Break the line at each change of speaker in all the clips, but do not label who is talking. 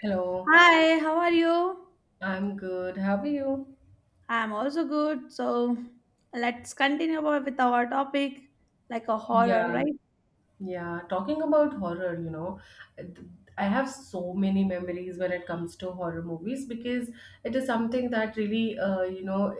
Hello,
Hi, how are you?
I'm good. How are you?
I'm also good. So let's continue about with our topic, like a horror,
Yeah,
right?
yeah. Talking about horror, th- I have so many memories when it comes to horror movies because it is something that really,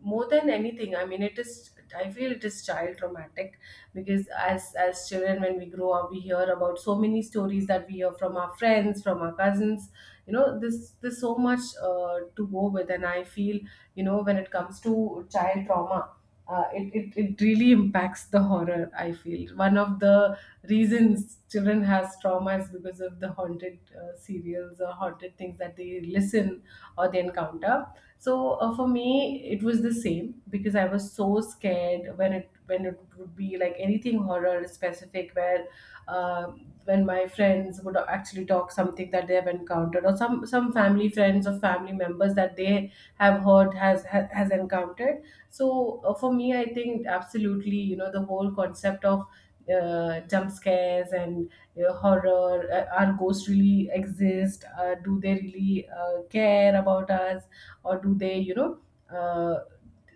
more than anything. I mean, it is. I feel it is child traumatic because as children, when we grow up, we hear about so many stories that we hear from our friends, from our cousins. You know, this There's so much to go with, and I feel, when it comes to child trauma, it really impacts the horror. I feel one of the reasons children has trauma is because of the haunted serials or haunted things that they listen or they encounter. So for me it was the same because I was so scared when it would be like anything horror specific where uh, when my friends would actually talk something that they have encountered, or some family friends or family members that they have heard has encountered. So for me, I think absolutely, the whole concept of jump scares and, horror, are ghosts really exist? Do they really care about us, or do they, uh,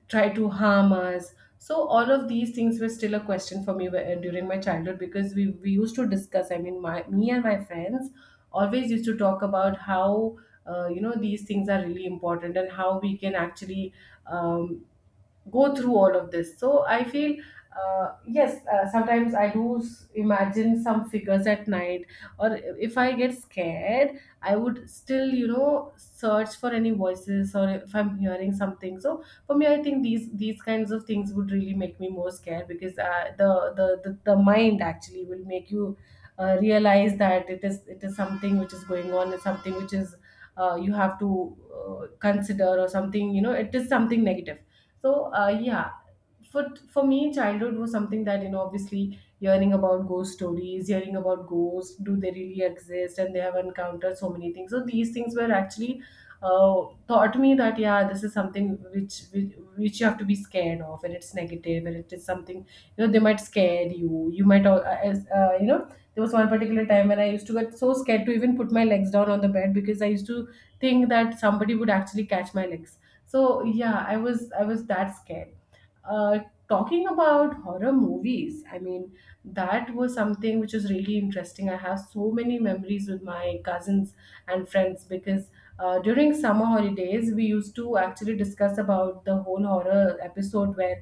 try to harm us? So all of these things were still a question for me during my childhood because we used to discuss. I mean, my me and my friends always used to talk about how these things are really important and how we can actually um, go through all of this. So I feel, yes, sometimes I do imagine some figures at night, or if I get scared, I would still, search for any voices or if I'm hearing something. So for me, I think these kinds of things would really make me more scared because the mind actually will make you realize that it is something which is going on, it's something which is you have to consider. Or something, you know, it is something negative. So yeah, for for me, childhood was something that, obviously, hearing about ghost stories, hearing about ghosts, do they really exist, and they have encountered so many things. So these things were actually uh, taught me that, yeah, this is something which you have to be scared of, and it's negative, and it is something, they might scare You might there was one particular time when I used to get so scared to even put my legs down on the bed because I used to think that somebody would actually catch my legs. So, yeah, I was that scared. uh, Talking about horror movies, I mean, that was something which is really interesting. I have so many memories with my cousins and friends because during summer holidays, we used to actually discuss about the whole horror episode where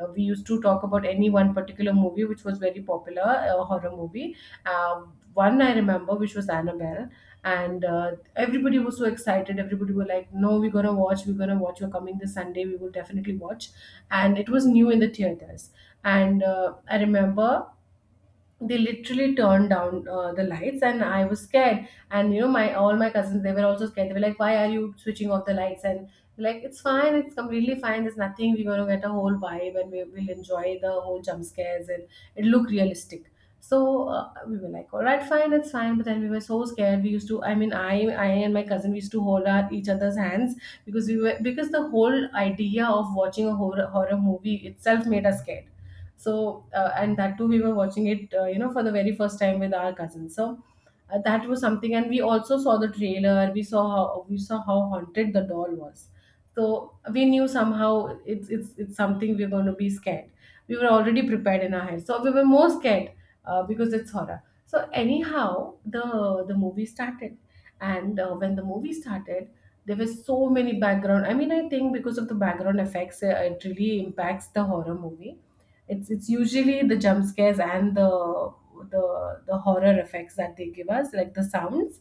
we used to talk about any one particular movie which was very popular, a horror movie. Uh, One I remember, which was Annabelle, and everybody was so excited. Everybody were like, "No, we're gonna watch. We're gonna watch. You're coming this Sunday. We will definitely watch." And it was new in the theaters, and I remember they literally turned down the lights and I was scared. And, my all my cousins, they were also scared. They were like, why are you switching off the lights? And like, it's fine, it's completely fine, there's nothing, we're going to get a whole vibe and we will enjoy the whole jump scares, and it look realistic. So we were like, all right, fine, it's fine. But then we were so scared. We used to, I mean, I and my cousin, we used to hold our each other's hands because we were because the whole idea of watching a horror movie itself made us scared. So, and that too, we were watching it, for the very first time with our cousins. So, that was something, and we also saw the trailer. We saw how haunted the doll was. So we knew somehow it's something we're going to be scared. We were already prepared in our head, so we were more scared because it's horror. So anyhow, the movie started, and when the movie started, there were so many background. I mean, I think because of the background effects, it really impacts the horror movie. It's usually the jump scares and the horror effects that they give us, like the sounds.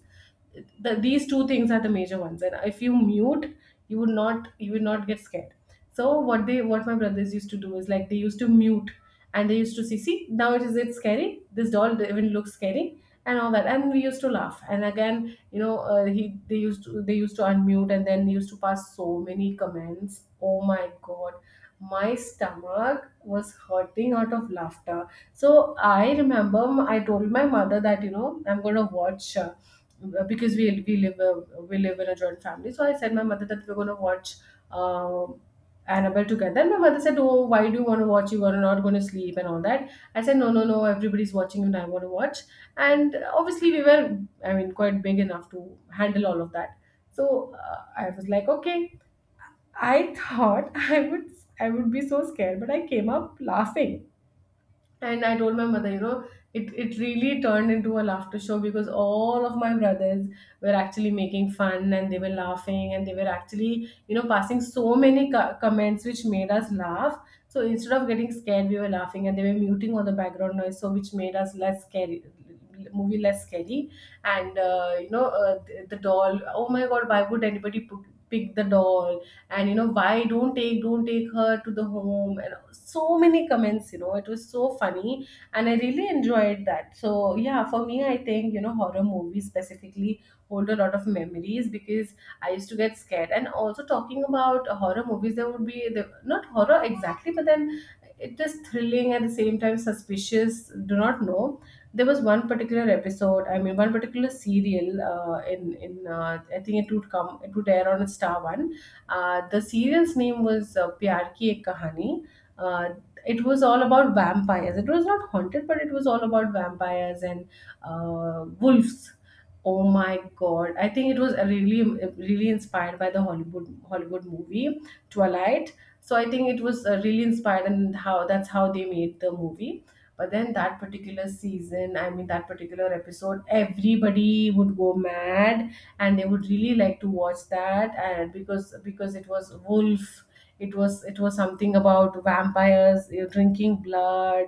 These two things are the major ones, and if you mute, you would not get scared. So what my brothers used to do is, like, they used to mute and they used to see, now it is it scary, this doll even looks scary, and all that, and we used to laugh. And again, he they used to unmute and then used to pass so many comments. Oh my god, my stomach was hurting out of laughter. So I remember, I told my mother that, I'm gonna watch, because we live in a joint family. So I said my mother that we're gonna watch, Uh, Annabelle, together. And my mother said, oh, why do you want to watch? You are not going to sleep and all that. I said, no, no, no, everybody's watching and I want to watch. And obviously, we were, I mean, quite big enough to handle all of that. So I was like, okay. I thought I would be so scared, but I came up laughing. And I told my mother, it really turned into a laughter show because all of my brothers were actually making fun, and they were laughing, and they were actually, passing so many comments which made us laugh. So instead of getting scared, we were laughing, and they were muting all the background noise, so which made us less scary, movie less scary. And, the doll, oh my God, why would anybody pick the doll? And, why don't take her to the home? So many comments, it was so funny, and I really enjoyed that. So, yeah, for me, I think, horror movies specifically hold a lot of memories because I used to get scared. And also, talking about horror movies, there would be the, not horror exactly, but then it is thrilling, at the same time suspicious. Do not know. There was one particular episode, I mean, one particular serial in I think it would come, it would air on Star One. The serial's name was Pyar Ki Ek Kahani. uh, it was all about vampires. It was not haunted, but it was all about vampires and, wolves. Oh my god! I think it was a really, really inspired by the Hollywood movie Twilight. So I think it was really inspired, and how that's how they made the movie. But then that particular season, I mean that particular episode, everybody would go mad, and they would really like to watch that, and because it was wolf, it was something about vampires, drinking blood,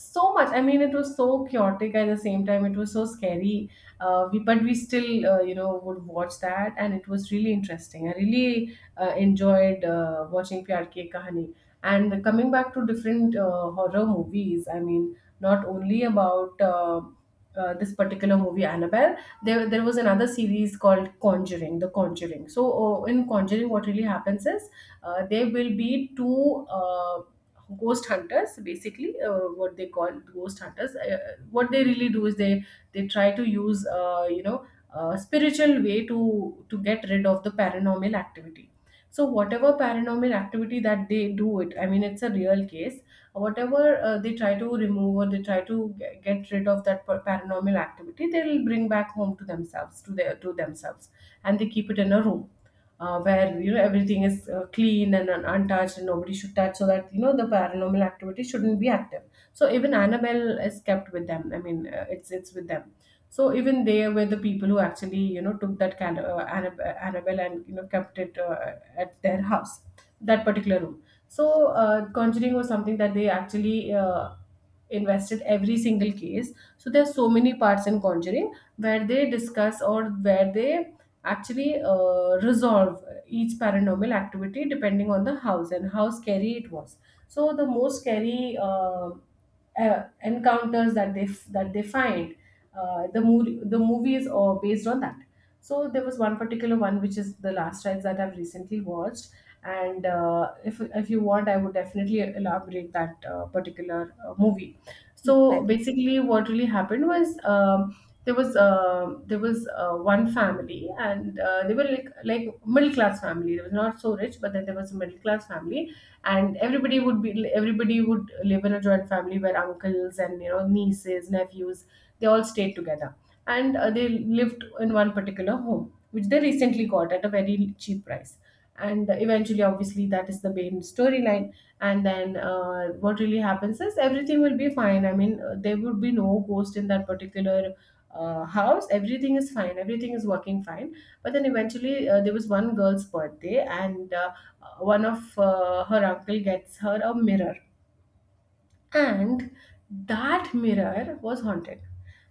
so much, I mean, it was so chaotic. At the same time it was so scary. But we still would watch that, and it was really interesting. I really enjoyed watching Pyar Ki Ek Kahani. And coming back to different horror movies, I mean, not only about this particular movie Annabelle, there was another series called Conjuring, The Conjuring. So in Conjuring, what really happens is there will be two ghost hunters, basically what they call ghost hunters. What they really do is they try to use, a spiritual way to get rid of the paranormal activity. So whatever paranormal activity that they do it, I mean, it's a real case. Whatever they try to remove or they try to get rid of that paranormal activity, they will bring back home to themselves, to themselves. And they keep it in a room, where, you know, everything is clean and untouched, and nobody should touch, so that, you know, the paranormal activity shouldn't be active. So even Annabelle is kept with them. I mean, it's with them. So even they were the people who actually, you know, took that Annabelle and, you know, kept it at their house, that particular room. So Conjuring was something that they actually invested every single case. So there are so many parts in Conjuring where they discuss or where they actually resolve each paranormal activity, depending on the house and how scary it was. So the most scary encounters that that they find, the movies are based on that. So there was one particular one, which is The Last Rides, that I've recently watched, and if you want, I would definitely elaborate that particular movie. So
Like
basically, what really happened was, there was one family, and they were like middle class family. They was not so rich, but then there was a middle class family, and everybody would live in a joint family where uncles and, you know, nieces, nephews, they all stayed together, and they lived in one particular home, which they recently got at a very cheap price. And eventually, obviously, that is the main storyline. And then what really happens is everything will be fine. I mean, there would be no ghost in that particular house. Everything is fine, everything is working fine. But then eventually there was one girl's birthday, and one of her uncle gets her a mirror. And that mirror was haunted.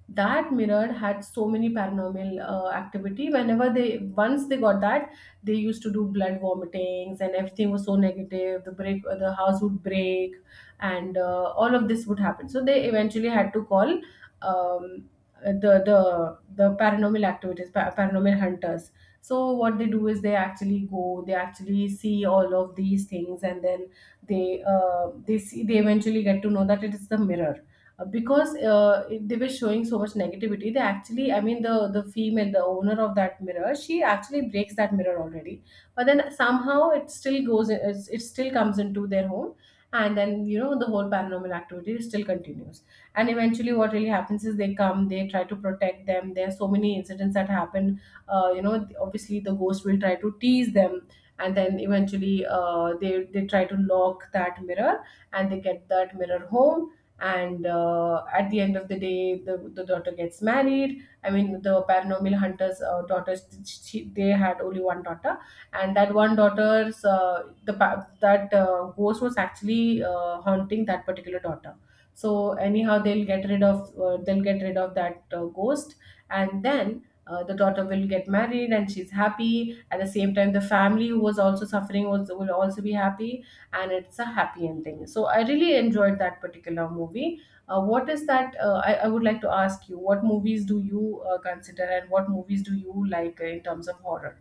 That mirror had so many paranormal activity. Whenever they once they got that, they used to do blood vomitings, and everything was so negative. The break the house would break, and all of this would happen. So they eventually had to call, um, the paranormal hunters. So what they do is they actually go, they actually see all of these things, and then they eventually get to know that it is the mirror. Because they were showing so much negativity. They actually, I mean, the female the owner of that mirror, she actually breaks that mirror already. But then somehow it still comes into their home. And then, you know, the whole paranormal activity still continues. And eventually, what really happens is they try to protect them. There are so many incidents that happen, you know, obviously the ghost will try to tease them. And then eventually, they try to lock that mirror, and they get that mirror home. And at the end of the day, the daughter gets married. I mean, the paranormal hunters' daughters, they had only one daughter. And that one daughter's — that ghost was actually haunting that particular daughter. So anyhow, they'll get rid of that ghost. And then the daughter will get married and she's happy. At the same time, the family who was also suffering was will also be happy. And it's a happy ending, so I really enjoyed that particular movie. Uh, what is that uh, I, I would like to ask you what movies do you consider, and what movies do you like in terms of horror?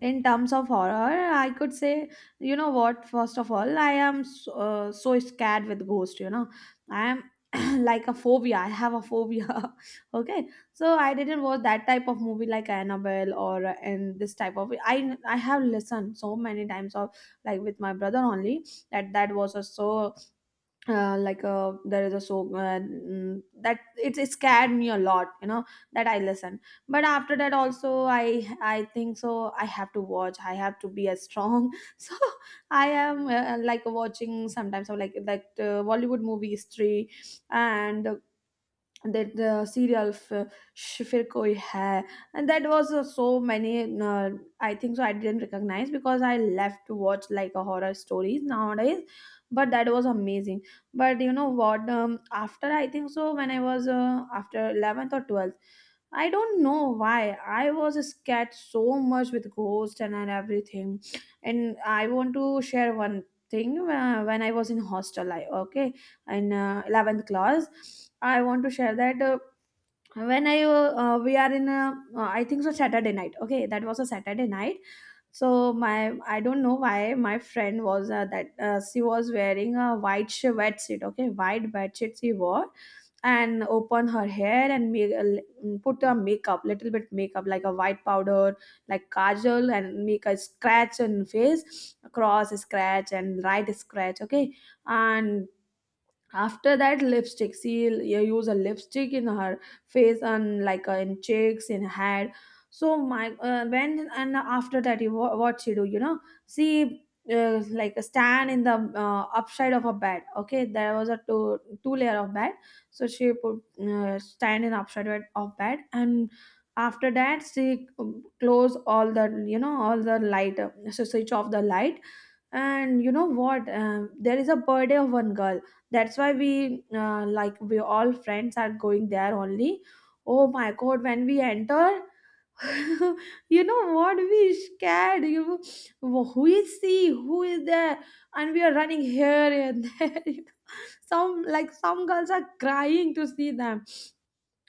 in terms of horror, I could say, you know what? First of all, I am so, so scared with ghost. You know, I am like a phobia. I have a phobia. Okay, so I didn't watch that type of movie like Annabelle or and this type of. I have listened so many times of like with my brother only that that was a so like there is a so that it scared me a lot, you know, that I listen. But after that also, I think so, I have to watch, I have to be as strong. So I am like watching sometimes or like that Bollywood movie history. And that serial Shifir Koi Hai, and that was so many. I think so. I didn't recognize because I left to watch like a horror stories nowadays, but that was amazing. But you know what? After I think so, when I was after 11th or 12th, I don't know why I was scared so much with ghosts and everything. And I want to share one thing. When I was in hostel, I, okay, in 11th class. I want to share that when I we are in a, I think so Saturday night. Okay, that was a Saturday night. So my, I don't know why my friend was that she was wearing a white bedsheet, okay, white bedsheet she wore, and open her hair and put a makeup, little bit makeup like a white powder, like kajal, and make a scratch on face, cross scratch and right scratch, okay. And after that lipstick, she you use a lipstick in her face, and like in cheeks, in head. So my when, and after that what she do, you know, she like stand in the upside of a bed, okay, there was a two layer of bed. So she put stand in upside of bed. And after that she, close all the, you know, all the light, so switch off the light. And you know what, there is a birthday of one girl, that's why we like we all friends are going there only. Oh my god, when we enter you know what, we scared. You, who is she, who is there? And we are running here and there. Some, like some girls are crying to see them,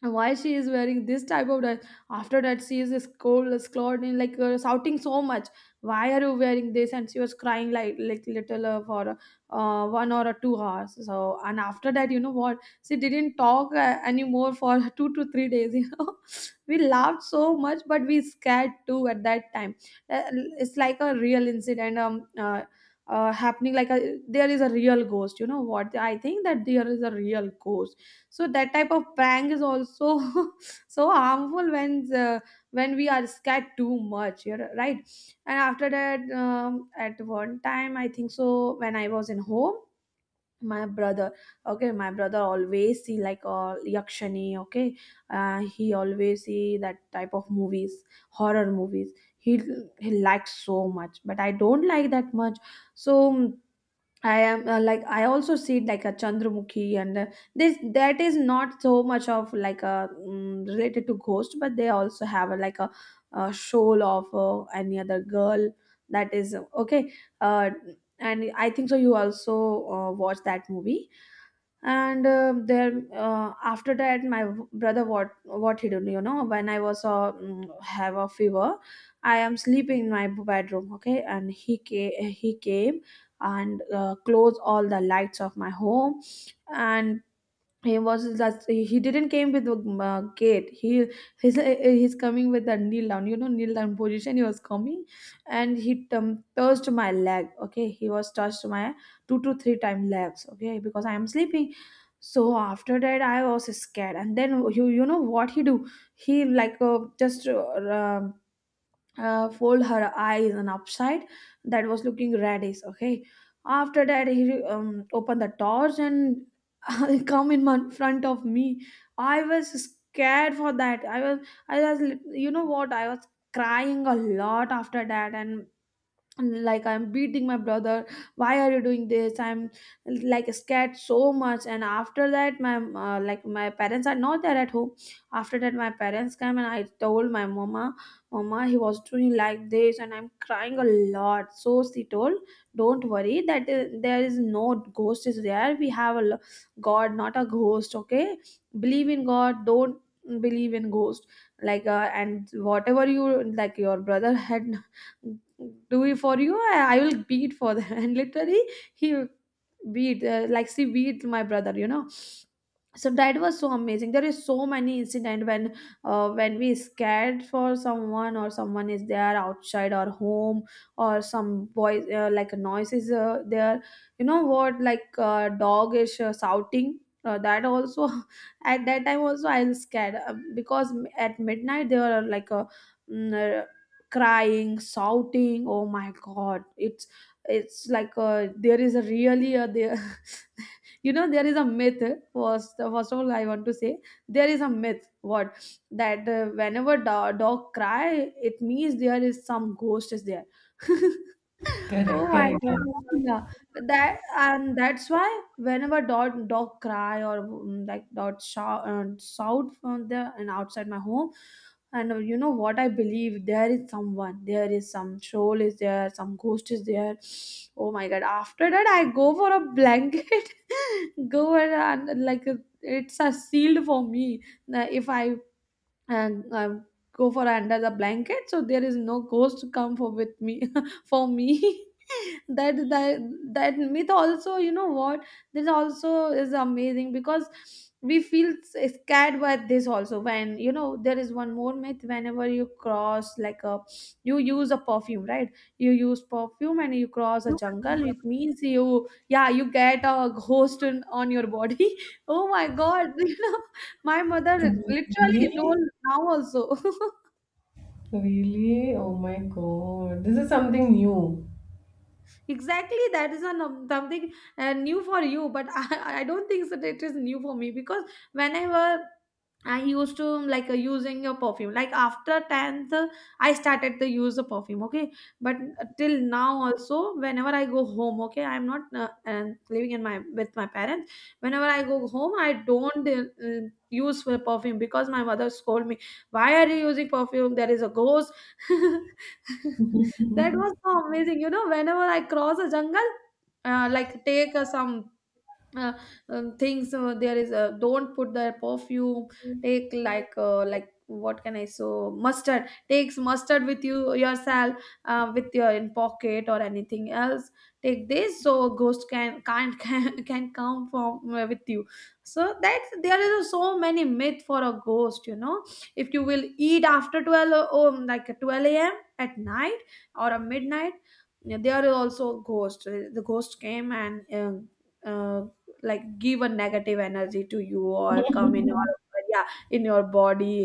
and why she is wearing this type of dress. After that she is scolded, in like shouting so much, why are you wearing this. And she was crying like little for one or 2 hours. So, and after that, you know what, she didn't talk anymore for 2 to 3 days, you know. We laughed so much, but we scared too at that time. Uh, it's like a real incident, happening, like a, there is a real ghost. You know what, I think that there is a real ghost. So that type of prank is also so harmful when we are scared too much, you're right. And after that, at one time I think so, when I was in home, my brother, okay, my brother always see like yakshani, okay. He always see that type of movies, horror movies. he he likes so much, but I don't like that much. So I am like I also see like a Chandramukhi, and this, that is not so much of like a related to ghost, but they also have a, like a shoal of any other girl. That is okay. Uh, and I think so, you also watch that movie. And there after that my brother, what he did, you know, when I was have a fever, I am sleeping in my bedroom, okay. And he came and closed all the lights of my home. And he was that he didn't came with the gate. He's coming with the kneel down, you know, kneel down position, he was coming. And he, touched my leg, okay, he was touched my two to three time legs, okay, because I am sleeping. So after that I was scared, and then you know what he do, he like, just fold her eyes and upside, that was looking reddish, okay. After that he, opened the doors and come in front of me. I was scared. For that I was, I was you know what I was crying a lot after that. And, like I'm beating my brother, why are you doing this, I'm like scared so much. And after that my like my parents are not there at home. After that my parents came and I told my mama, mama, he was doing like this and I'm crying a lot. So she told, don't worry, that there is no ghost is there, we have a god, not a ghost, okay. Believe in god, don't believe in ghost. Like and whatever you like your brother had do it for you, I will beat for them. And literally, he beat like, she beat my brother, you know. So that was so amazing. There is so many incident, when we scared for someone, or someone is there outside our home, or some voice, like a noise is there. You know what, like dog is shouting, that also at that time also I was scared, because at midnight there are like a mm, crying, shouting. Oh my god, it's like there is a really a there. You know, there is a myth. First, first of all I want to say, there is a myth, what, that whenever the dog cry, it means there is some ghost is there. Oh
Correct,
my
correct.
God. Yeah. That, and that's why whenever dog cry, or like dog shout, shout from the and outside my home, and you know what, I believe there is someone, there is some troll is there, some ghost is there. Oh my God! After that, I go for a blanket, go and like, it's a sealed for me. If I, and go for under the blanket, so there is no ghost come for with me for me. That that myth also, you know what, this also is amazing, because we feel scared by this also. When, you know, there is one more myth, whenever you cross like a, you use a perfume, right, you use perfume and you cross a jungle, it means you, yeah, you get a ghost in, on your body. Oh my god, you know, my mother literally told,
Really?
now also.
Really? Oh my god, this is something new.
Exactly, that is an, something new for you, but I don't think so that it is new for me, because whenever I used to like using a perfume. Like after 10th, I started to use the perfume. Okay, but till now also, whenever I go home, okay, I'm not living in my with my parents. Whenever I go home, I don't use perfume, because my mother scold me. Why are you using perfume? There is a ghost. That was so amazing. You know, whenever I cross a jungle, like take some uh, things, there is, don't put the perfume, take like what can I, so mustard, takes mustard with you yourself, with your in pocket or anything else, take this, so ghost can can't can come from with you. So that's, there is so many myth for a ghost, you know. If you will eat after 12, oh, like 12 a.m. at night, or a midnight, yeah, there is also a ghost. The ghost came and, uh, like, give a negative energy to you or come in your, yeah, in your body,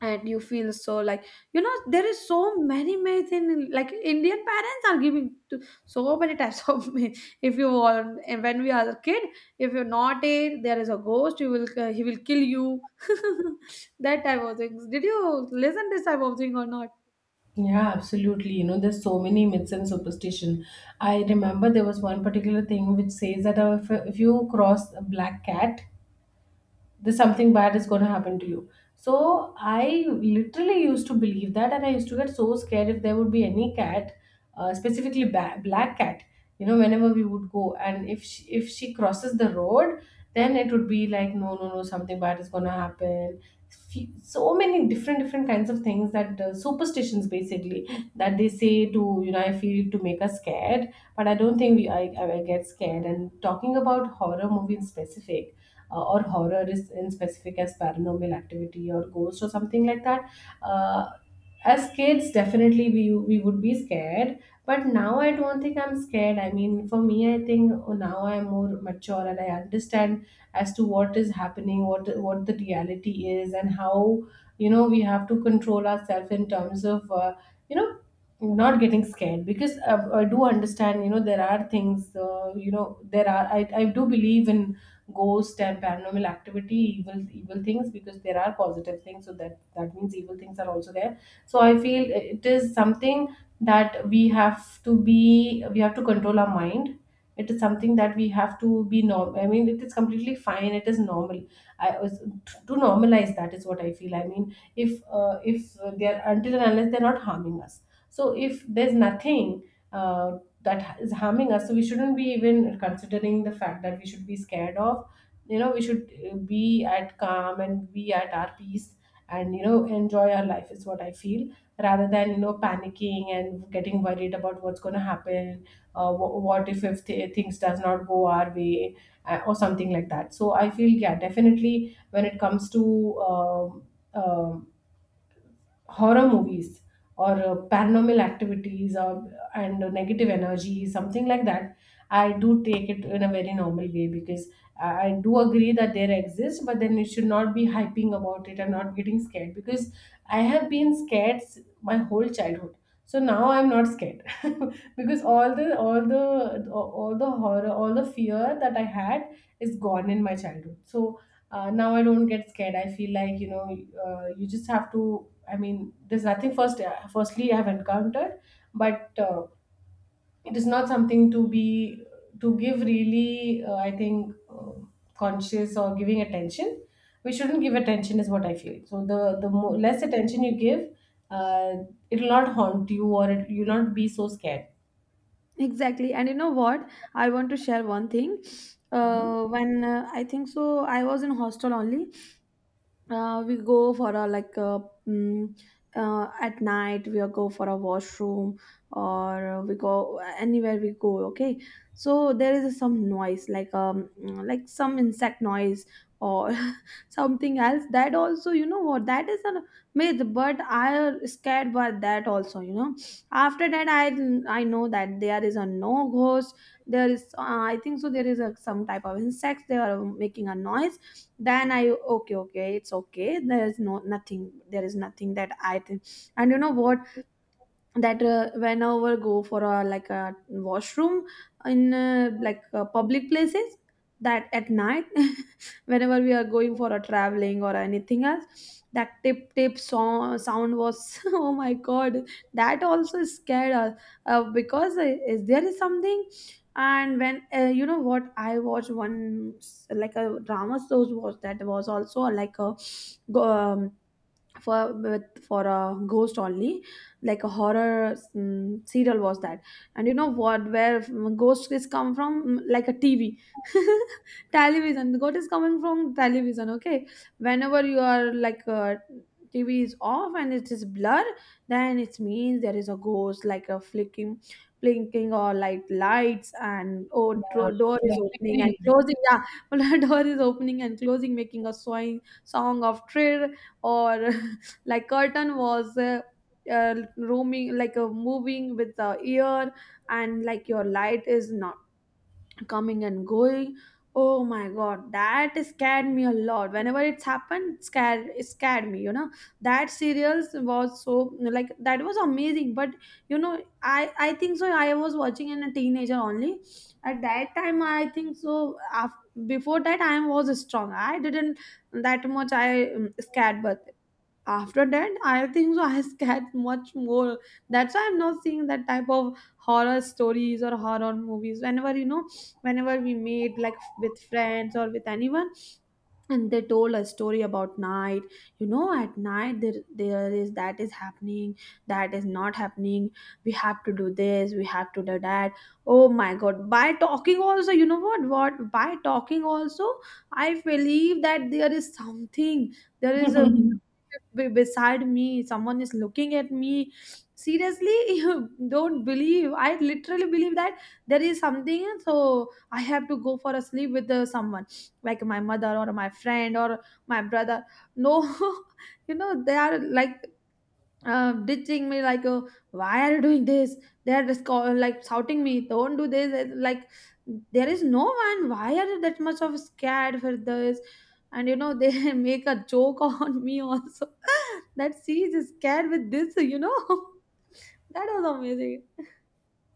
and you feel so like, you know, there is so many myths in, like Indian parents are giving to so many types of myth. If you want, and when we are a kid, if you're not it, there is a ghost, you will he will kill you. That type of things, did you listen this type of thing or not?
Yeah, absolutely. You know, there's so many myths and superstition. I remember there was one particular thing which says that, if you cross a black cat, this, something bad is going to happen to you. So I literally used to believe that, and I used to get so scared if there would be any cat, specifically black cat. You know, whenever we would go and if she crosses the road, then it would be like, no, no, no, something bad is going to happen. So many different kinds of things that, superstitions basically, that they say to, you know, I feel, to make us scared. But I don't think I get scared. And talking about horror movie in specific, or horror is in specific as paranormal activity or ghost or something like that. Uh, as kids, definitely we would be scared, but now I don't think I'm scared. I mean, for me, I think now I'm more mature and I understand as to what is happening, what the reality is, and how, you know, we have to control ourselves in terms of you know, not getting scared. Because I do understand, you know, there are things, you know, there are — I do believe in ghost and paranormal activity, evil things, because there are positive things, so that means evil things are also there. So I feel it is something that we have to control our mind. It is something that we have to be norm I mean, it is completely fine, it is normal. I was To normalize, that is what I feel. I mean, if they are, until and unless they're not harming us, so if there's nothing uh, that is harming us, so we shouldn't be even considering the fact that we should be scared of. You know, we should be at calm and be at our peace, and, you know, enjoy our life, is what I feel, rather than, you know, panicking and getting worried about what's going to happen. What if things does not go our way, or something like that. So I feel, yeah, definitely when it comes to, um, horror movies or paranormal activities, or and negative energy, something like that, I do take it in a very normal way because I do agree that there exists, but then you should not be hyping about it and not getting scared, because I have been scared my whole childhood. So now I'm not scared because all the fear that I had is gone in my childhood. So now I don't get scared. I feel like, you know, you just have to. I mean, there's nothing first. Firstly, I've encountered, but it is not something to be to give really. I think, conscious or giving attention. We shouldn't give attention, is what I feel. So the less attention you give, uh, it will not haunt you, you'll not be so scared.
Exactly. And you know what? I want to share one thing.
Mhm.
When I think so, I was in hostel only, we go for a like a at night we go for a washroom or we go anywhere we go, okay. So there is some noise like like some insect noise or something else that, also you know what, that is a myth, but I scared by that also, you know. After that I know that there is a no ghost. There is I think so there is a, some type of insects they are making a noise. Then I, okay, okay, it's okay, there is no nothing, there is nothing, that I think. And you know what, that whenever go for a like a washroom in public places, that at night, whenever we are going for a traveling or anything else, that tip tip sound was, oh my god, that also scared us, because is there is something. And when you know what, I watched one like a drama shows, was that was also like a go- um, for with for a ghost only, like a horror serial was that. And you know what, where ghost is come from. Mm, like a TV, television, the ghost is coming from television, okay. Whenever you are like TV is off and it is blur, then it means there is a ghost, like a flicking, blinking, or like lights, and oh
Yeah,
door is
like
opening and
flickering.
closing, yeah, door is opening and closing, making a song of thrill, or like curtain was roaming, like a moving with the ear, and like your light is not coming and going. Oh my god, that scared me a lot, whenever it's happened, scared, it scared me, you know. That serials was so like, that was amazing. But you know, I think so I was watching in a teenager only. At that time I think so, before that I was strong, I didn't that much I scared. But after that I think so I scared much more. That's why I'm not seeing that type of horror stories or horror movies. Whenever, you know, whenever we meet like with friends or with anyone, and they told a story about night, you know, at night, there is that is happening, that is not happening, we have to do this, we have to do that. Oh my god, by talking also, you know what, by talking also, I believe that there is something, there is a beside me, someone is looking at me, seriously. You don't believe, I literally believe that there is something. So I have to go for a sleep with someone, like my mother or my friend or my brother. No, you know, they are like ditching me like, why are you doing this. They are just call, like shouting me, don't do this. It's like there is no one, why are you that much of scared for this. And you know, they make a joke on me also, that she is scared with this, you know. That was amazing.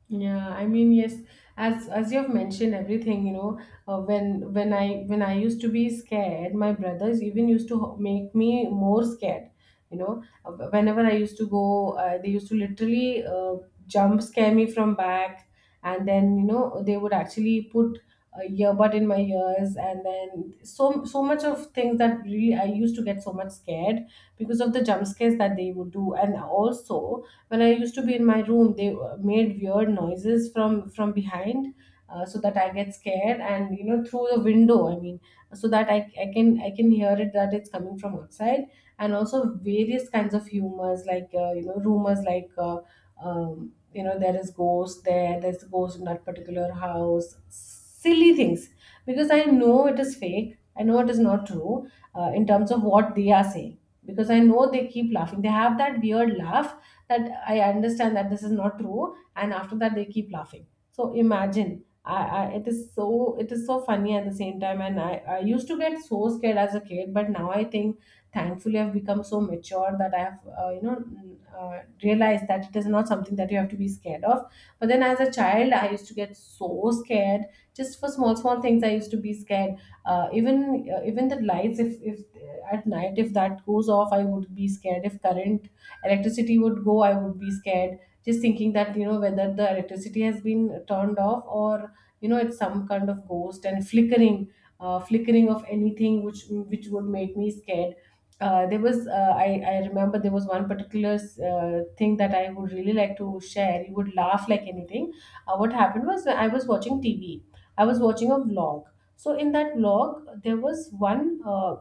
Yeah, I mean, yes, as you have mentioned everything, you know, when I used to be scared, my brothers even used to make me more scared. You know, whenever I used to go, they used to literally jump scare me from back, and then, you know, they would actually put a earbud in my ears, and then so much of things that really I used to get so much scared because of the jump scares that they would do. And also when I used to be in my room, they made weird noises from behind, so that I get scared, and, you know, through the window, I mean, so that I can hear it that it's coming from outside. And also various kinds of humors, like, you know, rumors like you know, there's a ghost in that particular house, silly things, because I know it is fake, I know it is not true, in terms of what they are saying. Because I know they keep laughing, they have that weird laugh, that I understand that this is not true. And after that they keep laughing. So imagine, I it is so funny, at the same time. And I used to get so scared as a kid, but now I think, thankfully I've become so mature that I have you know, realized that it is not something that you have to be scared of. But then as a child, I used to get so scared. Just for small small things I used to be scared. Even the lights, if at night, if that goes off, I would be scared. If current electricity would go, I would be scared, just thinking that, you know, whether the electricity has been turned off, or, you know, it's some kind of ghost. And flickering of anything which would make me scared. I remember there was one particular thing that I would really like to share. You would laugh like anything. What happened was I was watching TV. I was watching a vlog. So in that log, there was one.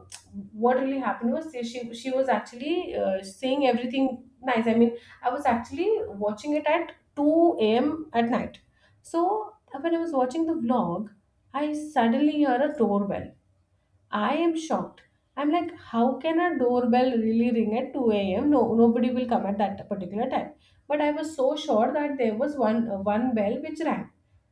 What really happened was she was actually saying everything nice. I mean, I was actually watching it at 2 a.m. at night. So when I was watching the vlog, I suddenly hear a doorbell. I am shocked. I'm like, how can a doorbell really ring at 2 a.m.? No, nobody will come at that particular time. But I was so sure that there was one bell which rang.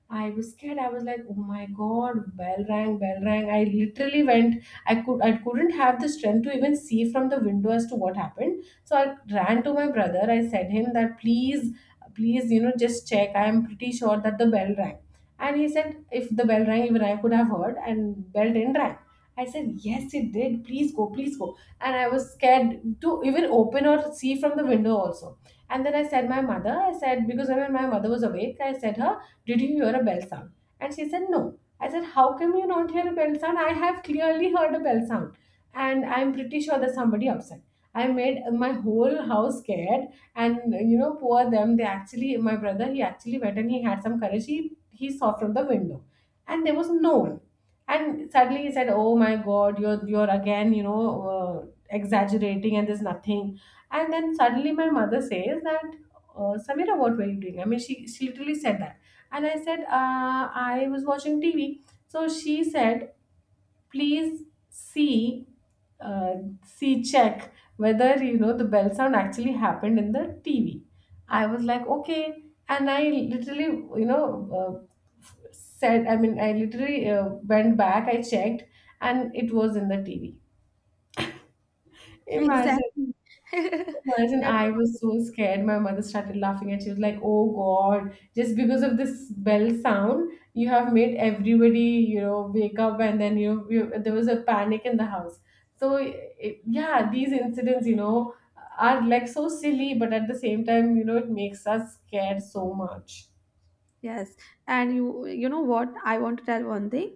I was scared. I was like, oh my god, bell rang, bell rang! I literally went, I couldn't have the strength to even see from the window as to what happened. So I ran to my brother. I said him that, please, please, you know, just check. I am pretty sure that the bell rang. And he said, if the bell rang, even I could have heard, and bell didn't rang. I said, yes, it did. Please go, please go. And I was scared to even open or see from the window also. And then I said, my mother, I said, because when my mother was awake, I said, her, did you hear a bell sound? And she said, no. I said, how come you don't hear a bell sound? I have clearly heard a bell sound. And I'm pretty sure that somebody upset. I made my whole house scared. And, you know, poor them, they actually, my brother, he actually went and he had some courage. He saw from the window. And there was no one. And suddenly he said, oh my god, you're again, you know, exaggerating, and there's nothing. And then suddenly my mother says that, Samira, what were you doing? I mean, she literally said that. And I said, I was watching tv. So she said, please, see, uh, see, check whether, you know, the bell sound actually happened in the TV. I was like, okay. And I literally, you know, said, I mean, I literally went back, I checked, and it was in the TV. Imagine.
Exactly. That
Imagine I
was,
was so scared. My mother started laughing, and she was like, oh God, just because of this bell sound, you have made everybody, you know, wake up. And then, you know, there was a panic in the house. So, yeah, these incidents, you know, are like so silly, but at the same time, you know, it makes us scared so much.
yes. And you know what, I want to tell one thing,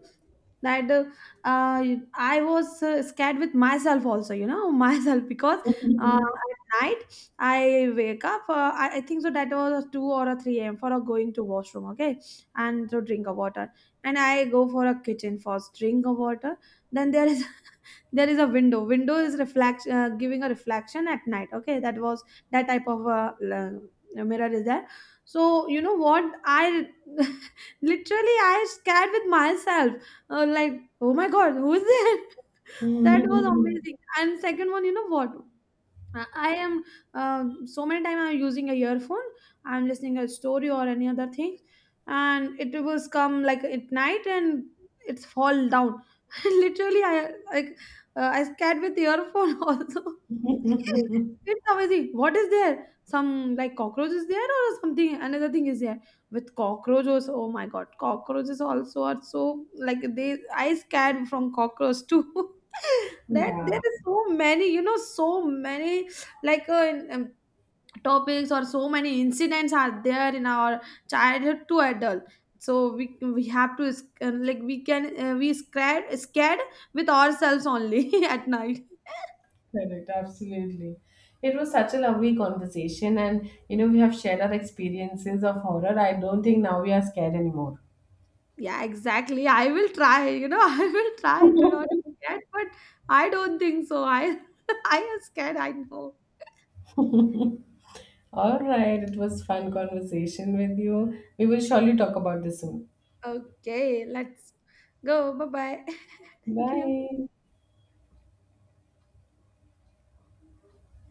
that I was scared with myself also, you know, myself, because at night I wake up. I think so that was two or a three a.m. for a going to washroom, okay, and to drink of water. And I go for a kitchen first, drink of water. Then there is there is a window. Window is reflection, giving a reflection at night, okay. That was that type of mirror is there. So you know what, I literally I scared with myself, like, oh my god, who's there. That was amazing. And second one, you know what, I am so many time I'm using a earphone. I'm listening a story or any other thing, and it was come like at night, and it's fall down. Literally, I like, I scared with the earphone also. It's amazing. What is there? Some like cockroach is there or something? Another thing is there with cockroaches. Oh my god, cockroaches also are so like they. I scared from cockroach too. That there
yeah.
is so many. You know, so many like topics or so many incidents are there in our childhood to adult. So we have to like we can we scared with ourselves only, at night.
Correct, absolutely. It was such a lovely conversation, and, you know, we have shared our experiences of horror. I don't think now we are scared anymore.
Yeah, exactly, I will try, you know, I will try to not scared, but I don't think so, I I am scared, I know.
All right, it was fun conversation with you. We will surely talk about this soon.
Okay, let's go, bye bye, thank you.
Bye.